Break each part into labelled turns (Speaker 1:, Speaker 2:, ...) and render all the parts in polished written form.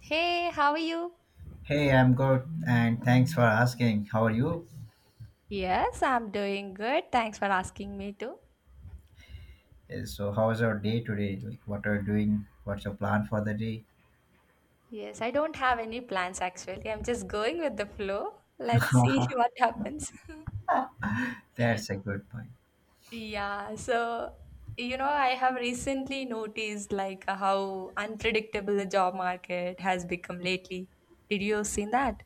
Speaker 1: Hey, how are you?
Speaker 2: Hey, I'm good, and thanks for asking. How are you?
Speaker 1: Yes, I'm doing good. Thanks for asking me too.
Speaker 2: So, how was your day today? Like, what are you doing? What's your plan for the day?
Speaker 1: Yes, I don't have any plans actually. I'm just going with the flow. Let's see what happens.
Speaker 2: That's a good point.
Speaker 1: Yeah, so I have recently noticed like how unpredictable the job market has become lately. Did you seen that?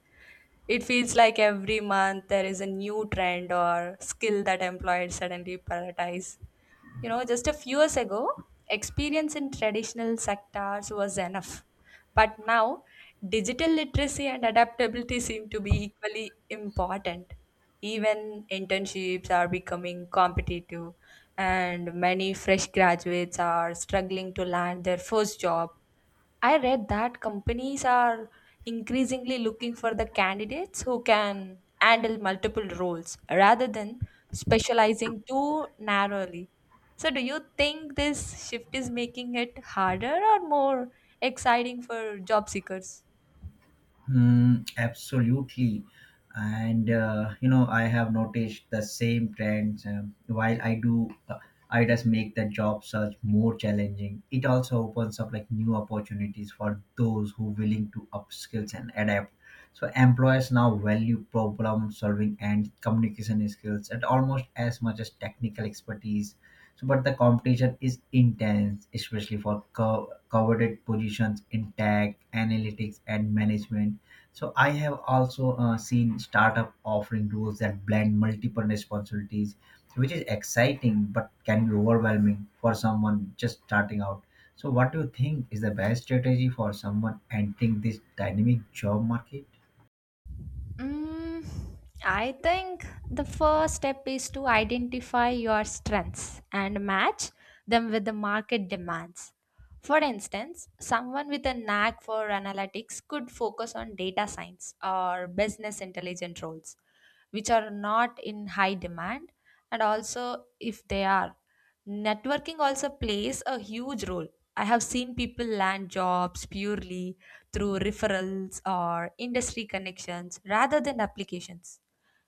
Speaker 1: It feels like every month there is a new trend or skill that employers suddenly prioritize. Just a few years ago, experience in traditional sectors was enough. But now, digital literacy and adaptability seem to be equally important. Even internships are becoming competitive, and many fresh graduates are struggling to land their first job. I read that companies are increasingly looking for the candidates who can handle multiple roles rather than specializing too narrowly. So, do you think this shift is making it harder or more exciting for job seekers?
Speaker 2: Mm, absolutely. And you know, I have noticed the same trends. While I do, I just make the job search more challenging. It also opens up like new opportunities for those who willing to upskills and adapt. So employers now value problem solving and communication skills at almost as much as technical expertise. So, but the competition is intense, especially for coveted positions in tech, analytics, and management, so I have also seen startup offering rules that blend multiple responsibilities, which is exciting but can be overwhelming for someone just starting out. So what do you think is the best strategy for someone entering this dynamic job market?
Speaker 1: Mm, I think the first step is to identify your strengths and match them with the market demands. For instance, someone with a knack for analytics could focus on data science or business intelligence roles, which are not in high demand, and also, if they are, networking also plays a huge role. I have seen people land jobs purely through referrals or industry connections rather than applications.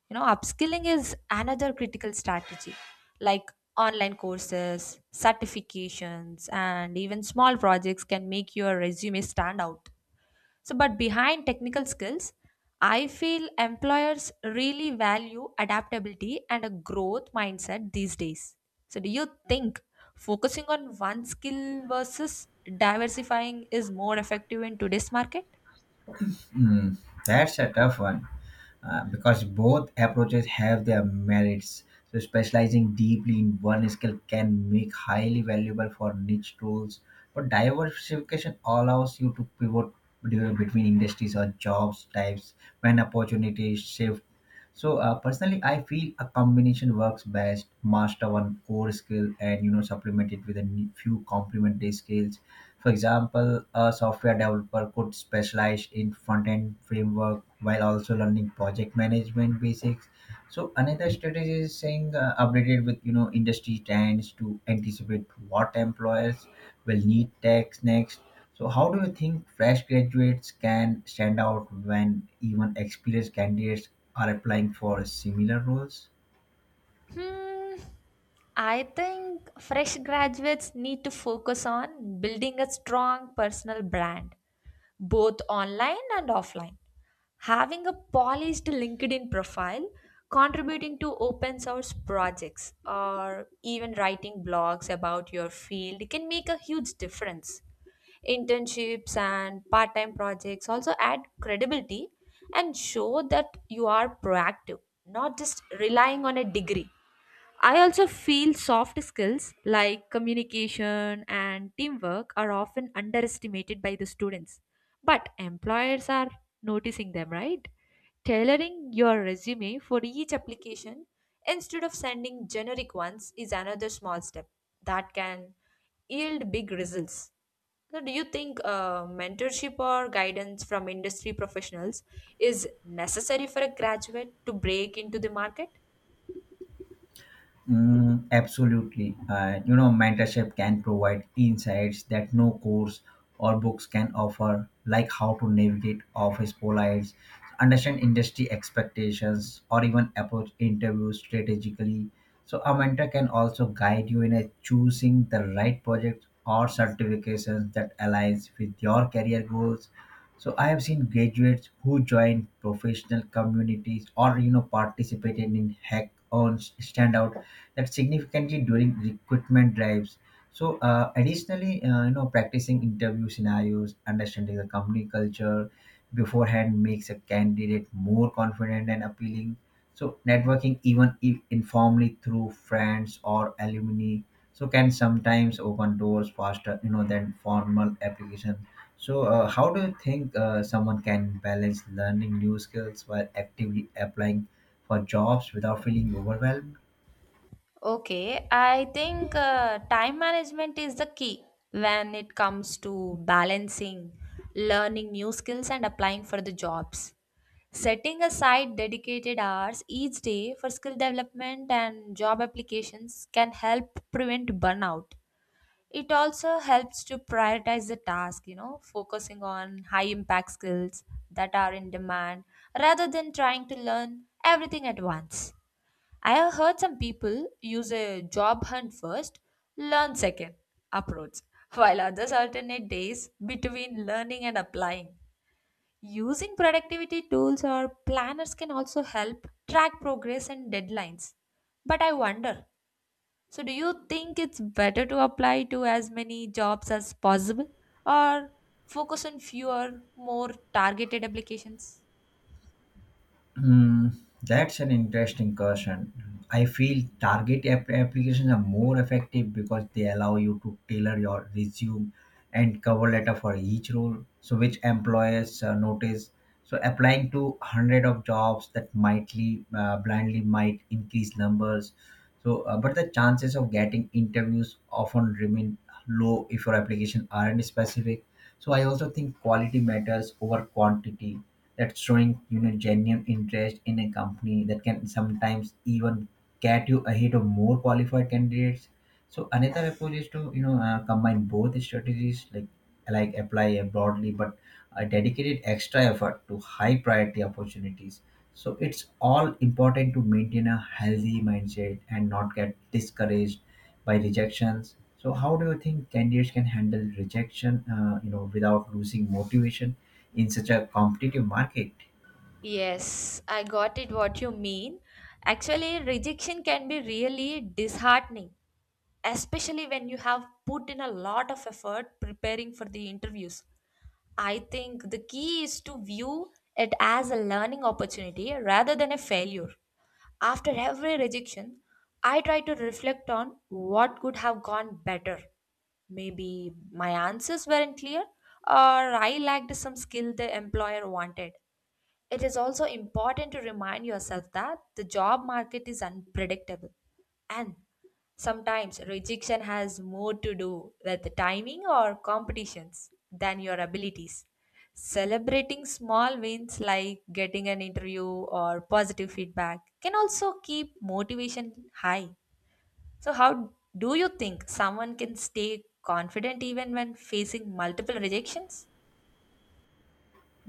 Speaker 1: Upskilling is another critical strategy, like online courses, certifications, and even small projects can make your resume stand out. So, but behind technical skills, I feel employers really value adaptability and a growth mindset these days. So, do you think focusing on one skill versus diversifying is more effective in today's market?
Speaker 2: Hmm, that's a tough one. Because both approaches have their merits. So, specializing deeply in one skill can make highly valuable for niche roles, but diversification allows you to pivot between industries or jobs types when opportunities shift. So, personally, I feel a combination works best. Master one core skill and you know supplement it with a few complementary skills. For example, a software developer could specialize in front end framework while also learning project management basics. So another strategy is saying updated with you know industry trends to anticipate what employers will need techs next. So how do you think fresh graduates can stand out when even experienced candidates are applying for similar roles?
Speaker 1: Hmm, I think fresh graduates need to focus on building a strong personal brand, both online and offline. Having a polished LinkedIn profile, contributing to open source projects, or even writing blogs about your field can make a huge difference. Internships and part time projects also add credibility and show that you are proactive, not just relying on a degree. I also feel soft skills like communication and teamwork are often underestimated by the students, but employers are noticing them, right? Tailoring your resume for each application instead of sending generic ones is another small step that can yield big results. So, do you think mentorship or guidance from industry professionals is necessary for a graduate to break into the market?
Speaker 2: Mm, absolutely. You know, mentorship can provide insights that no course or books can offer, like how to navigate office policies, understand industry expectations, or even approach interviews strategically. So, a mentor can also guide you in a choosing the right projects or certifications that aligns with your career goals. So, I have seen graduates who joined professional communities or you know participated in hackathons stand out that significantly during recruitment drives. So, additionally, you know, practicing interview scenarios, understanding the company culture beforehand makes a candidate more confident and appealing. So, networking, even if informally through friends or alumni, so can sometimes open doors faster, you know, than formal application. So, how do you think someone can balance learning new skills while actively applying for jobs without feeling overwhelmed?
Speaker 1: Okay, I think time management is the key when it comes to balancing learning new skills and applying for the jobs. Setting aside dedicated hours each day for skill development and job applications can help prevent burnout. It also helps to prioritize the task, you know, focusing on high impact skills that are in demand rather than trying to learn everything at once. I have heard some people use a job hunt first, learn second approach, while others alternate days between learning and applying. Using productivity tools or planners can also help track progress and deadlines. But I wonder, so, do you think it's better to apply to as many jobs as possible, or focus on fewer, more targeted applications?
Speaker 2: Hmm, that's an interesting question. I feel target applications are more effective because they allow you to tailor your resume and cover letter for each role, so which employers notice. So applying to hundred of jobs that mightly blindly might increase numbers. So, but the chances of getting interviews often remain low if your application aren't specific, so I also think quality matters over quantity. That's showing you know genuine interest in a company that can sometimes even get you ahead of more qualified candidates. So another approach is to you know combine both strategies, like apply a broadly but a dedicated extra effort to high priority opportunities. So it's all important to maintain a healthy mindset and not get discouraged by rejections. So how do you think candidates can handle rejection, you know, without losing motivation in such a competitive market?
Speaker 1: Yes, I got it what you mean. Actually, rejection can be really disheartening, especially when you have put in a lot of effort preparing for the interviews. I think the key is to view it as a learning opportunity rather than a failure. After every rejection, I try to reflect on what could have gone better. Maybe my answers weren't clear, or I lacked some skill the employer wanted. It is also important to remind yourself that the job market is unpredictable, and sometimes rejection has more to do with timing or competitions than your abilities. Celebrating small wins like getting an interview or positive feedback can also keep motivation high. So, how do you think someone can stay confident even when facing multiple rejections?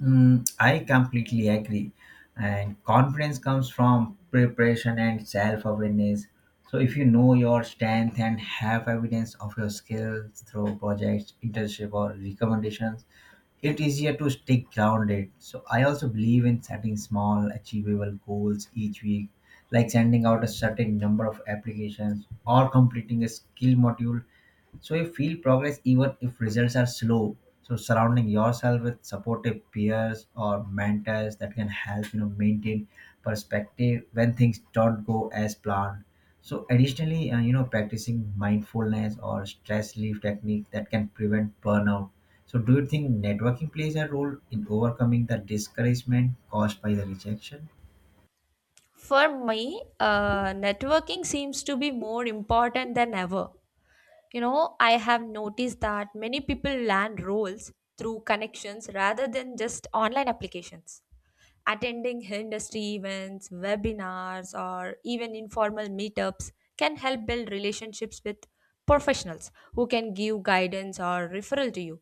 Speaker 2: Mm, I completely agree. And confidence comes from preparation and self awareness. So, if you know your strength and have evidence of your skills through projects, internship, or recommendations, it's easier to stay grounded. So, I also believe in setting small, achievable goals each week, like sending out a certain number of applications or completing a skill module so you feel progress even if results are slow. So surrounding yourself with supportive peers or mentors that can help you know maintain perspective when things don't go as planned. So additionally, you know, practicing mindfulness or stress relief technique that can prevent burnout. So do you think networking plays a role in overcoming the discouragement caused by the rejection?
Speaker 1: For me, networking seems to be more important than ever. You know, I have noticed that many people land roles through connections rather than just online applications. Attending industry events, webinars, or even informal meetups can help build relationships with professionals who can give guidance or referral to you.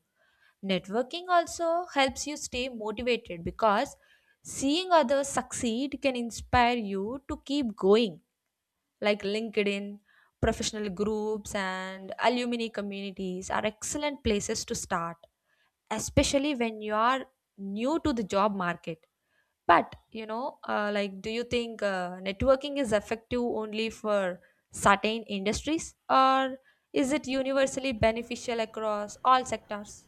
Speaker 1: Networking also helps you stay motivated because seeing others succeed can inspire you to keep going. Like LinkedIn, professional groups, and alumni communities are excellent places to start, especially when you are new to the job market. But, like, do you think networking is effective only for certain industries, or is it universally beneficial across all sectors?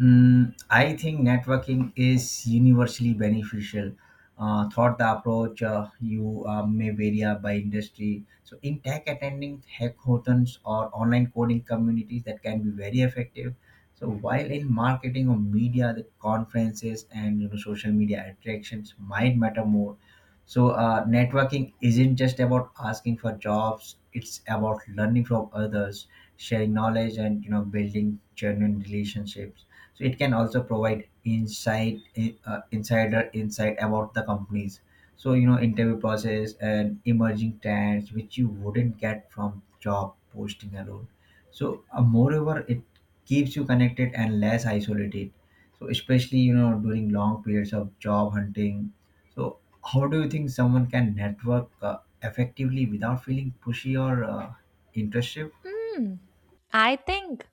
Speaker 2: Mm, I think networking is universally beneficial. Thought the approach you may vary by industry. So, in tech, attending hackathons or online coding communities that can be very effective. So, while in marketing or media, the conferences and you know social media attractions might matter more. So, networking isn't just about asking for jobs; it's about learning from others, sharing knowledge, and you know building genuine relationships, so it can also provide insight insider insight about the companies, so you know interview process and emerging trends which you wouldn't get from job posting alone. So moreover, it keeps you connected and less isolated, so especially you know during long periods of job hunting. So how do you think someone can network effectively without feeling pushy or intrusive?
Speaker 1: Hmm. I think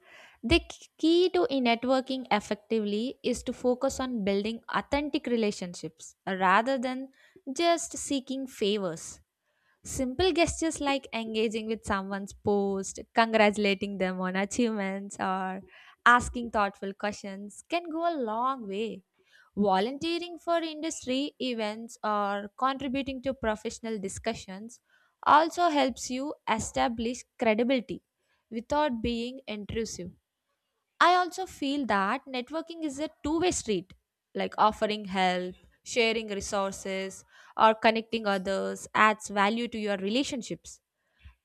Speaker 1: the key to in networking effectively is to focus on building authentic relationships, rather than just seeking favors. Simple gestures like engaging with someone's post, congratulating them on achievements, or asking thoughtful questions can go a long way. Volunteering for industry events or contributing to professional discussions also helps you establish credibility without being intrusive. I also feel that networking is a two-way street, like offering help, sharing resources, or connecting others adds value to your relationships.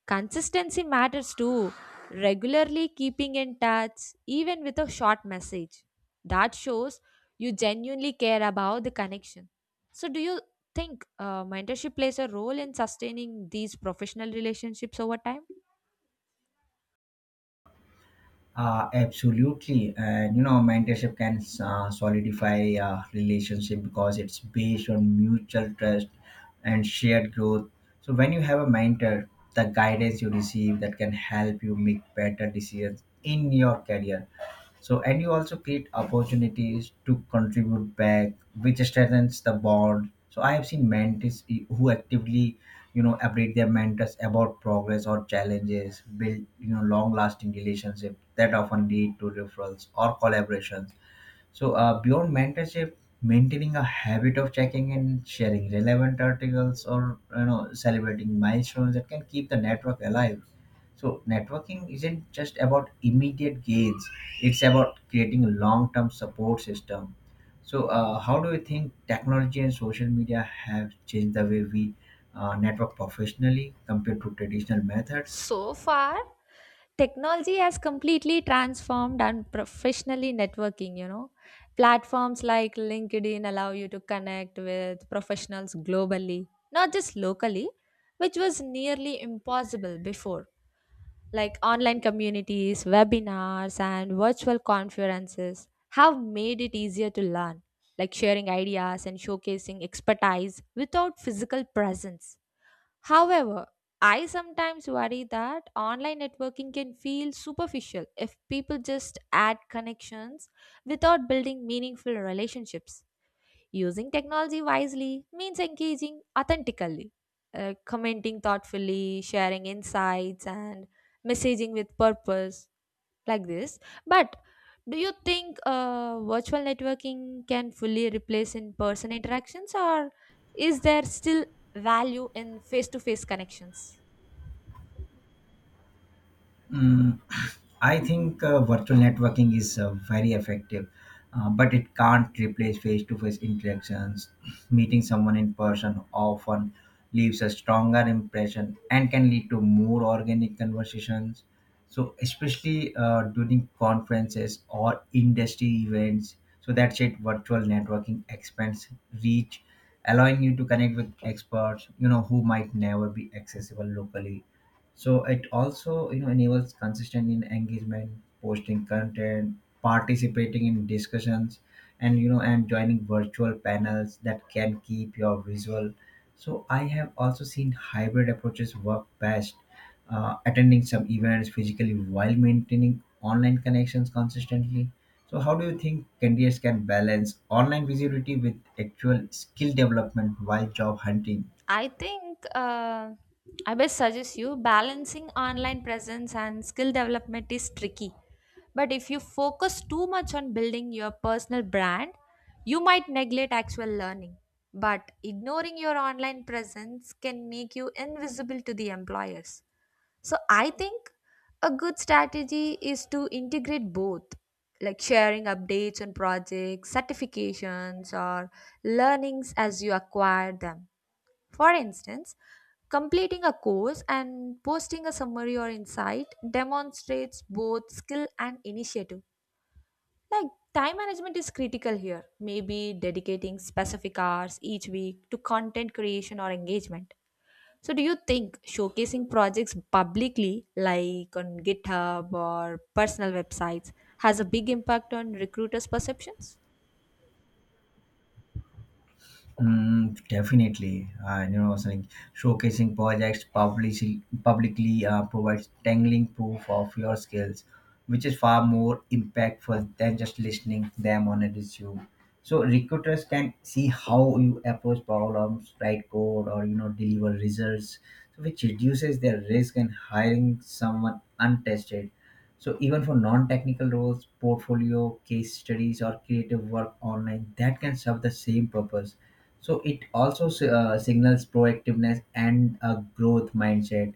Speaker 1: Consistency matters too. Regularly keeping in touch, even with a short message, that shows you genuinely care about the connection. So, do you think mentorship plays a role in sustaining these professional relationships over time?
Speaker 2: Absolutely, and you know, mentorship can solidify relationship because it's based on mutual trust and shared growth. So when you have a mentor, the guidance you receive that can help you make better decisions in your career, so, and you also create opportunities to contribute back, which strengthens the bond. So, I have seen mentors who actively, you know, update their mentors about progress or challenges, build, you know, long-lasting relationships that often lead to referrals or collaborations. So, beyond mentorship, maintaining a habit of checking and sharing relevant articles or you know celebrating milestones that can keep the network alive. So, networking isn't just about immediate gains; it's about creating a long-term support system. So, how do you think technology and social media have changed the way we network professionally compared to traditional methods?
Speaker 1: So far, technology has completely transformed and professionally networking. Platforms like LinkedIn allow you to connect with professionals globally, not just locally, which was nearly impossible before. Like online communities, webinars, and virtual conferences have made it easier to learn, like sharing ideas and showcasing expertise without physical presence. However, I sometimes worry that online networking can feel superficial if people just add connections without building meaningful relationships. Using technology wisely means engaging authentically, commenting thoughtfully, sharing insights, and messaging with purpose like this. But do you think virtual networking can fully replace in person interactions, or is there still value in face to face connections?
Speaker 2: Mm, I think virtual networking is very effective, but it can't replace face to face interactions. Meeting someone in person often leaves a stronger impression and can lead to more organic conversations. So, especially during conferences or industry events, so that's it. Virtual networking expands reach, allowing you to connect with experts, you know, who might never be accessible locally. So it also you know enables consistent in engagement, posting content, participating in discussions, and you know and joining virtual panels that can keep your visual. So I have also seen hybrid approaches work best, attending some events physically while maintaining online connections consistently. So how do you think candidates can balance online visibility with actual skill development while job hunting?
Speaker 1: I think I best suggest you balancing online presence and skill development is tricky, but if you focus too much on building your personal brand, you might neglect actual learning. But ignoring your online presence can make you invisible to the employers. So I think a good strategy is to integrate both, like sharing updates on projects, certifications, or learnings as you acquire them. For instance, completing a course and posting a summary or insight demonstrates both skill and initiative. Like time management is critical here, maybe dedicating specific hours each week to content creation or engagement. So, do you think showcasing projects publicly, like on GitHub or personal websites, has a big impact on recruiters' perceptions?
Speaker 2: Mm, definitely, and you know, saying showcasing projects publicly provides tangling proof of your skills, which is far more impactful than just listening them on a resume. So recruiters can see how you approach problems, write code, or you know deliver results, which reduces their risk in hiring someone untested. So even for non-technical roles, portfolio, case studies, or creative work online, that can serve the same purpose. So it also signals proactiveness and a growth mindset,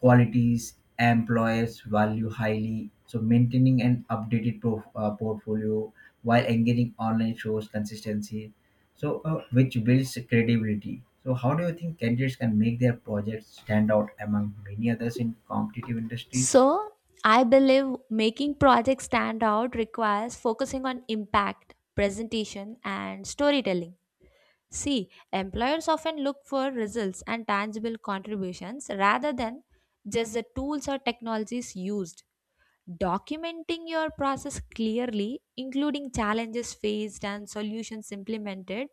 Speaker 2: qualities employers value highly. So maintaining an updated pro portfolio while engaging online shows consistency. So which builds credibility. So how do you think candidates can make their projects stand out among many others in competitive industries?
Speaker 1: So, I believe making projects stand out requires focusing on impact, presentation, and storytelling. See, employers often look for results and tangible contributions rather than just the tools or technologies used. Documenting your process clearly, including challenges faced and solutions implemented,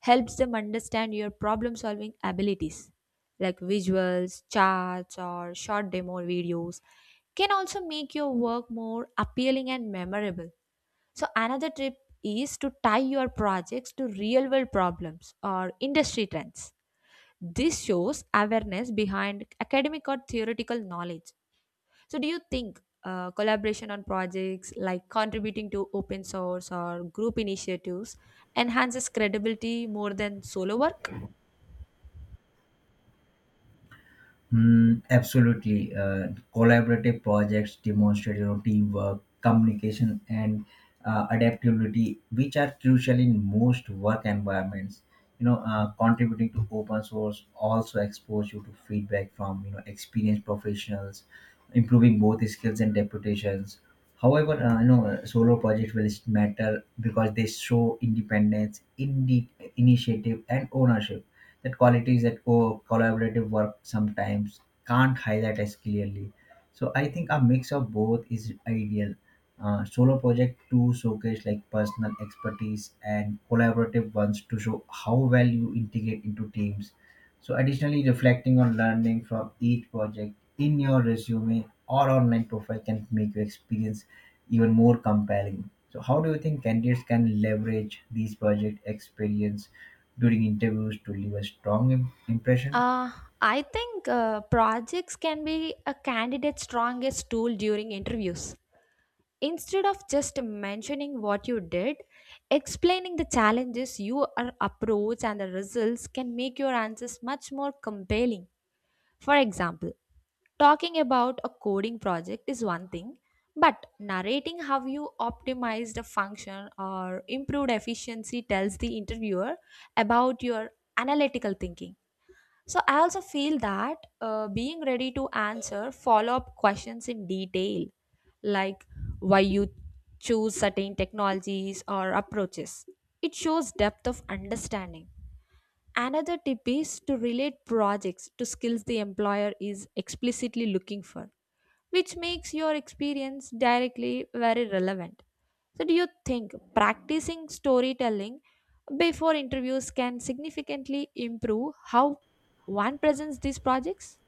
Speaker 1: helps them understand your problem solving abilities. Like visuals, charts, or short demo videos can also make your work more appealing and memorable. So, another tip is to tie your projects to real world problems or industry trends. This shows awareness behind academic or theoretical knowledge. So, do you think collaboration on projects like contributing to open source or group initiatives enhances credibility more than solo work?
Speaker 2: Mm, absolutely. Collaborative projects demonstrate you know, teamwork, communication, and adaptability, which are crucial in most work environments. You know, contributing to open source also expose you to feedback from you know experienced professionals, improving both skills and reputations. However, you know, solo projects will matter because they show independence, initiative, and ownership, that qualities that collaborative work sometimes can't highlight as clearly. So I think a mix of both is ideal. Solo project to showcase like personal expertise and collaborative ones to show how well you integrate into teams, so, additionally, reflecting on learning from each project in your resume or online profile can make your experience even more compelling. So, how do you think candidates can leverage these project experience during interviews to leave a strong impression?
Speaker 1: Uh, I think projects can be a candidate's strongest tool during interviews. Instead of just mentioning what you did, explaining the challenges you are approach and the results can make your answers much more compelling. For example, talking about a coding project is one thing, but narrating how you optimized a function or improved efficiency tells the interviewer about your analytical thinking. So, I also feel that being ready to answer follow up questions in detail, like why you choose certain technologies or approaches, it shows depth of understanding. Another tip is to relate projects to skills the employer is explicitly looking for, which makes your experience directly very relevant. So, do you think practicing storytelling before interviews can significantly improve how one presents these projects?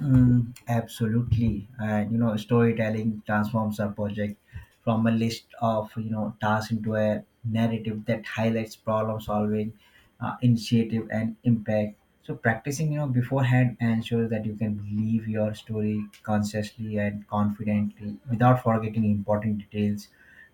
Speaker 2: Mm, absolutely. And you know, storytelling transforms a project from a list of you know tasks into a narrative that highlights problem solving, initiative, and impact. So practicing, you know, beforehand ensures that you can believe your story consciously and confidently without forgetting important details.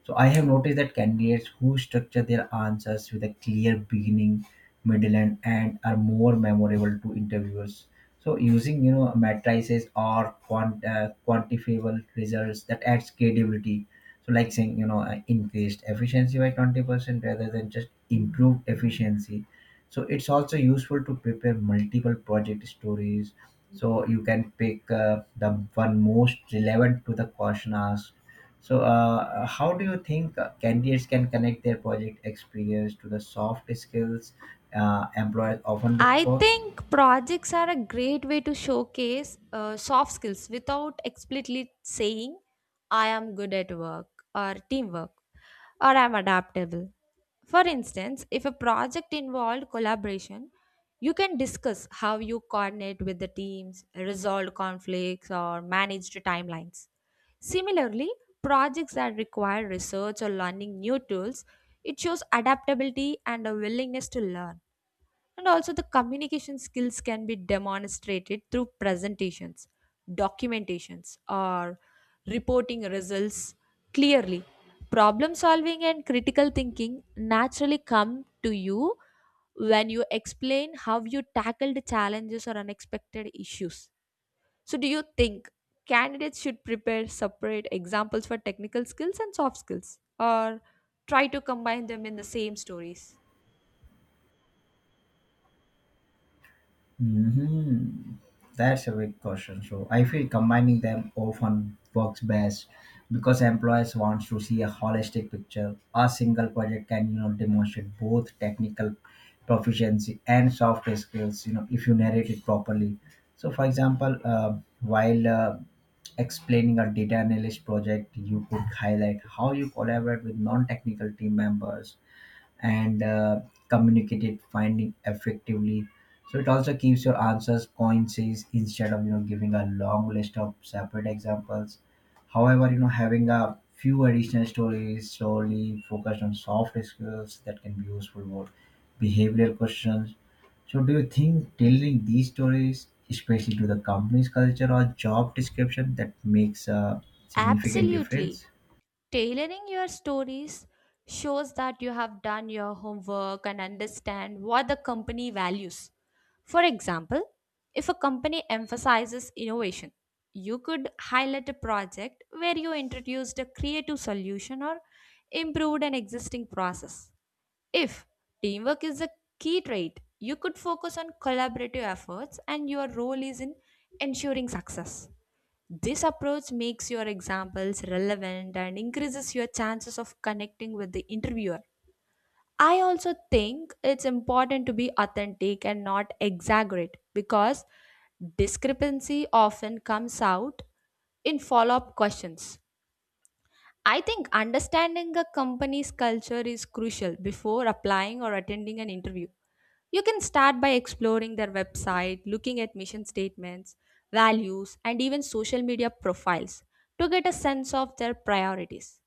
Speaker 2: So I have noticed that candidates who structure their answers with a clear beginning, middle, and end are more memorable to interviewers, so using you know matrices or quantifiable results that adds credibility. So like saying you know increased efficiency by 20% rather than just improved efficiency. So it's also useful to prepare multiple project stories. So you can pick the one most relevant to the question asked. So how do you think candidates can connect their project experience to the soft skills employers often look
Speaker 1: I
Speaker 2: for?
Speaker 1: think projects are a great way to showcase soft skills without explicitly saying I am good at work, or teamwork, or I'm adaptable. For instance, if a project involved collaboration, you can discuss how you coordinate with the teams, resolve conflicts, or managed timelines. Similarly, projects that require research or learning new tools, it shows adaptability and a willingness to learn. And also, the communication skills can be demonstrated through presentations, documentations, or reporting results clearly. Problem solving and critical thinking naturally come to you when you explain how you tackled challenges or unexpected issues. So, do you think candidates should prepare separate examples for technical skills and soft skills, or try to combine them in the same stories?
Speaker 2: Hmm, that's a big question. So I feel combining them often works best because employers want to see a holistic picture. A single project can demonstrate both technical proficiency and soft skills. You know if you narrate it properly. So for example, while explaining a data analyst project, you could highlight how you collaborate with non-technical team members and communicate it finding effectively, so it also keeps your answers coincides instead of giving a long list of separate examples. However, having a few additional stories solely focused on soft skills that can be useful for behavioral questions. So do you think tailoring these stories especially to the company's culture or job description that makes a significant
Speaker 1: Absolutely.
Speaker 2: difference?
Speaker 1: Tailoring your stories shows that you have done your homework and understand what the company values. For example, if a company emphasizes innovation, you could highlight a project where you introduced a creative solution or improved an existing process. If teamwork is a key trait, you could focus on collaborative efforts and your role is in ensuring success. This approach makes your examples relevant and increases your chances of connecting with the interviewer. I also think it's important to be authentic and not exaggerate because discrepancy often comes out in follow up questions. I think understanding a company's culture is crucial before applying or attending an interview. You can start by exploring their website, looking at mission statements, values, and even social media profiles to get a sense of their priorities.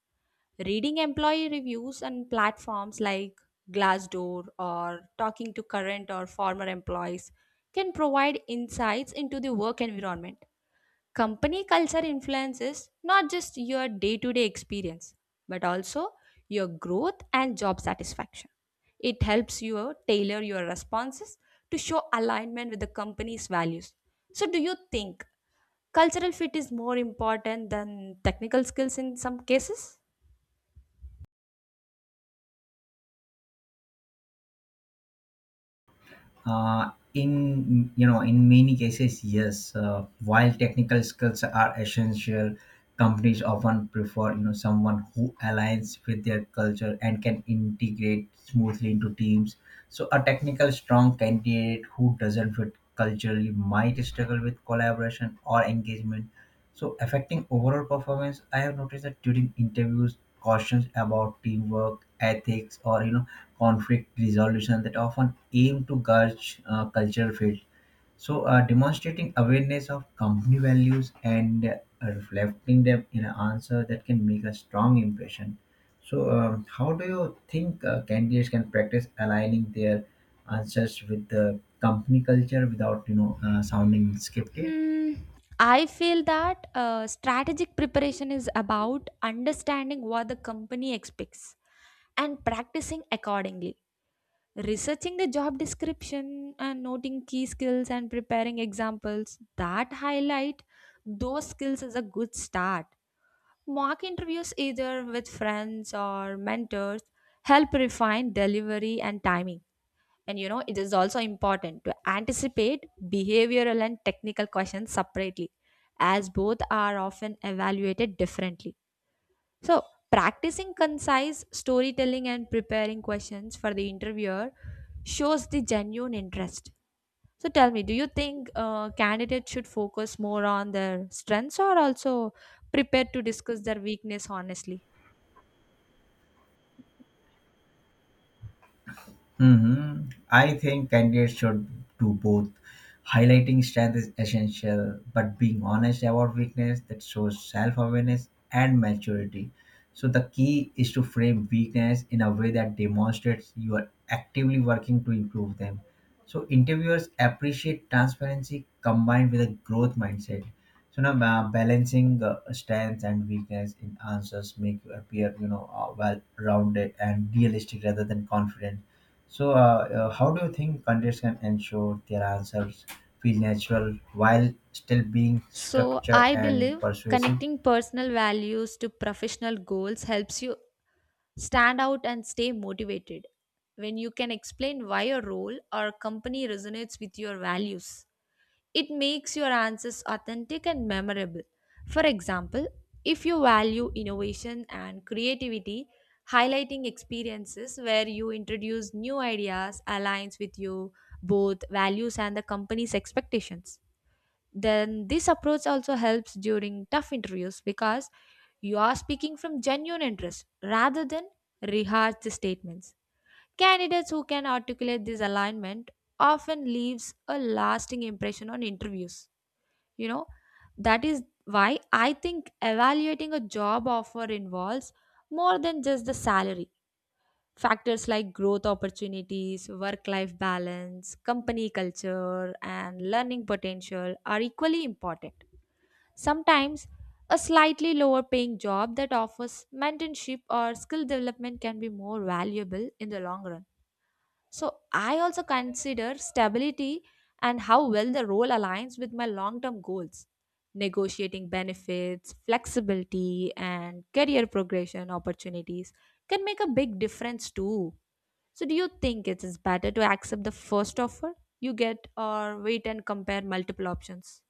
Speaker 1: Reading employee reviews on platforms like Glassdoor or talking to current or former employees can provide insights into the work environment. Company culture influences not just your day to day experience, but also your growth and job satisfaction. It helps you tailor your responses to show alignment with the company's values. So, do you think cultural fit is more important than technical skills in some cases?
Speaker 2: In many cases, yes. While technical skills are essential, companies often prefer someone who aligns with their culture and can integrate smoothly into teams. So, a technical strong candidate who doesn't fit culturally might struggle with collaboration or engagement. So, affecting overall performance, I have noticed that during interviews, cautions about teamwork, ethics, or conflict resolution that often aim to gauge cultural field. So, demonstrating awareness of company values and reflecting them in an answer that can make a strong impression. So, how do you think candidates can practice aligning their answers with the company culture without sounding scripted?
Speaker 1: Hmm. I feel that strategic preparation is about understanding what the company expects and practicing accordingly. Researching the job description and noting key skills and preparing examples that highlight those skills is a good start. Mock interviews, either with friends or mentors, help refine delivery and timing. And you know, it is also important to anticipate behavioral and technical questions separately, as both are often evaluated differently. So, practicing concise storytelling and preparing questions for the interviewer shows the genuine interest. So, tell me, do you think candidates should focus more on their strengths or also prepared to discuss their weakness honestly?
Speaker 2: Hmm. I think candidates should do both. Highlighting strength is essential, but being honest about weakness that shows self awareness and maturity. So, the key is to frame weakness in a way that demonstrates you are actively working to improve them. So, interviewers appreciate transparency combined with a growth mindset. So, now balancing strengths and weakness in answers make you appear, well rounded and realistic rather than confident. So, how do you think countries can ensure their answers feel natural while still being
Speaker 1: So,
Speaker 2: structured
Speaker 1: I
Speaker 2: and
Speaker 1: believe
Speaker 2: persuasive?
Speaker 1: connecting personal values to professional goals helps you stand out and stay motivated when you can explain why your role or company resonates with your values. It makes your answers authentic and memorable. For example, if you value innovation and creativity, highlighting experiences where you introduce new ideas aligns with you both values and the company's expectations. Then this approach also helps during tough interviews because you are speaking from genuine interest rather than rehearsed statements. Candidates who can articulate this alignment often leaves a lasting impression on interviews you know that is why I think evaluating a job offer involves more than just the salary. Factors like growth opportunities, work life balance, company culture, and learning potential are equally important. Sometimes a slightly lower paying job that offers mentorship or skill development can be more valuable in the long run. So I also consider stability and how well the role aligns with my long term goals. Negotiating benefits, flexibility, and career progression opportunities can make a big difference too. So, do you think it is better to accept the first offer you get or wait and compare multiple options?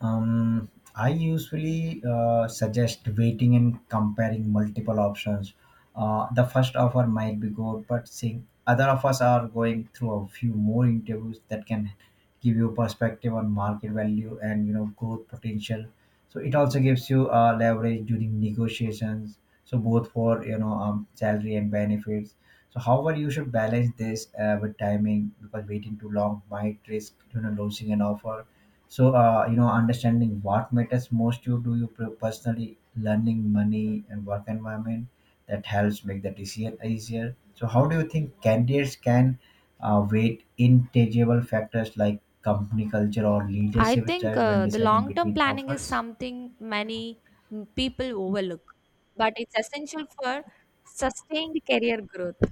Speaker 2: Um, I usually suggest waiting and comparing multiple options. The first offer might be good, but seeing other offers are going through a few more interviews that can give you perspective on market value and growth potential. So it also gives you leverage during negotiations. So both for salary and benefits. So however, you should balance this with timing because waiting too long might risk losing an offer. So understanding what matters most to you, do you personally learning money and work environment that helps make the decision easier. So how do you think candidates can weight intangible factors like company culture or
Speaker 1: I
Speaker 2: leadership
Speaker 1: think
Speaker 2: styles when
Speaker 1: the
Speaker 2: deciding
Speaker 1: long term
Speaker 2: between
Speaker 1: planning is
Speaker 2: offers?
Speaker 1: something many people overlook, but it's essential for sustained career growth.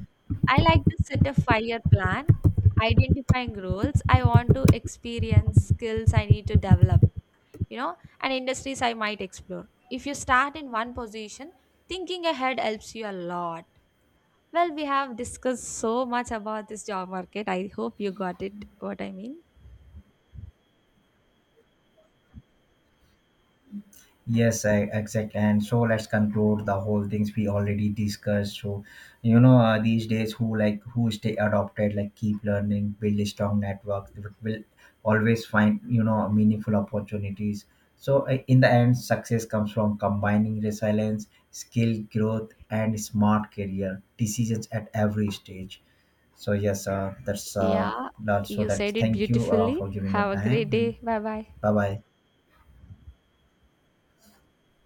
Speaker 1: I like to set a 5 year plan, identifying roles I want to experience, skills I need to develop, you know, and industries I might explore. If you start in one position, thinking ahead helps you a lot. Well, we have discussed so much about this job market. I hope you got it what I mean.
Speaker 2: Yes, exactly. And so let's conclude the whole things we already discussed. So, these days who like who stay adopted, like keep learning, build a strong network, will always find meaningful opportunities. So in the end, success comes from combining resilience, skill growth, and smart career decisions at every stage. So yes,
Speaker 1: Yeah,
Speaker 2: that. So
Speaker 1: you
Speaker 2: that's
Speaker 1: said it
Speaker 2: thank you for
Speaker 1: beautifully.
Speaker 2: giving your
Speaker 1: Have a great
Speaker 2: time and
Speaker 1: day. Bye bye.
Speaker 2: bye bye.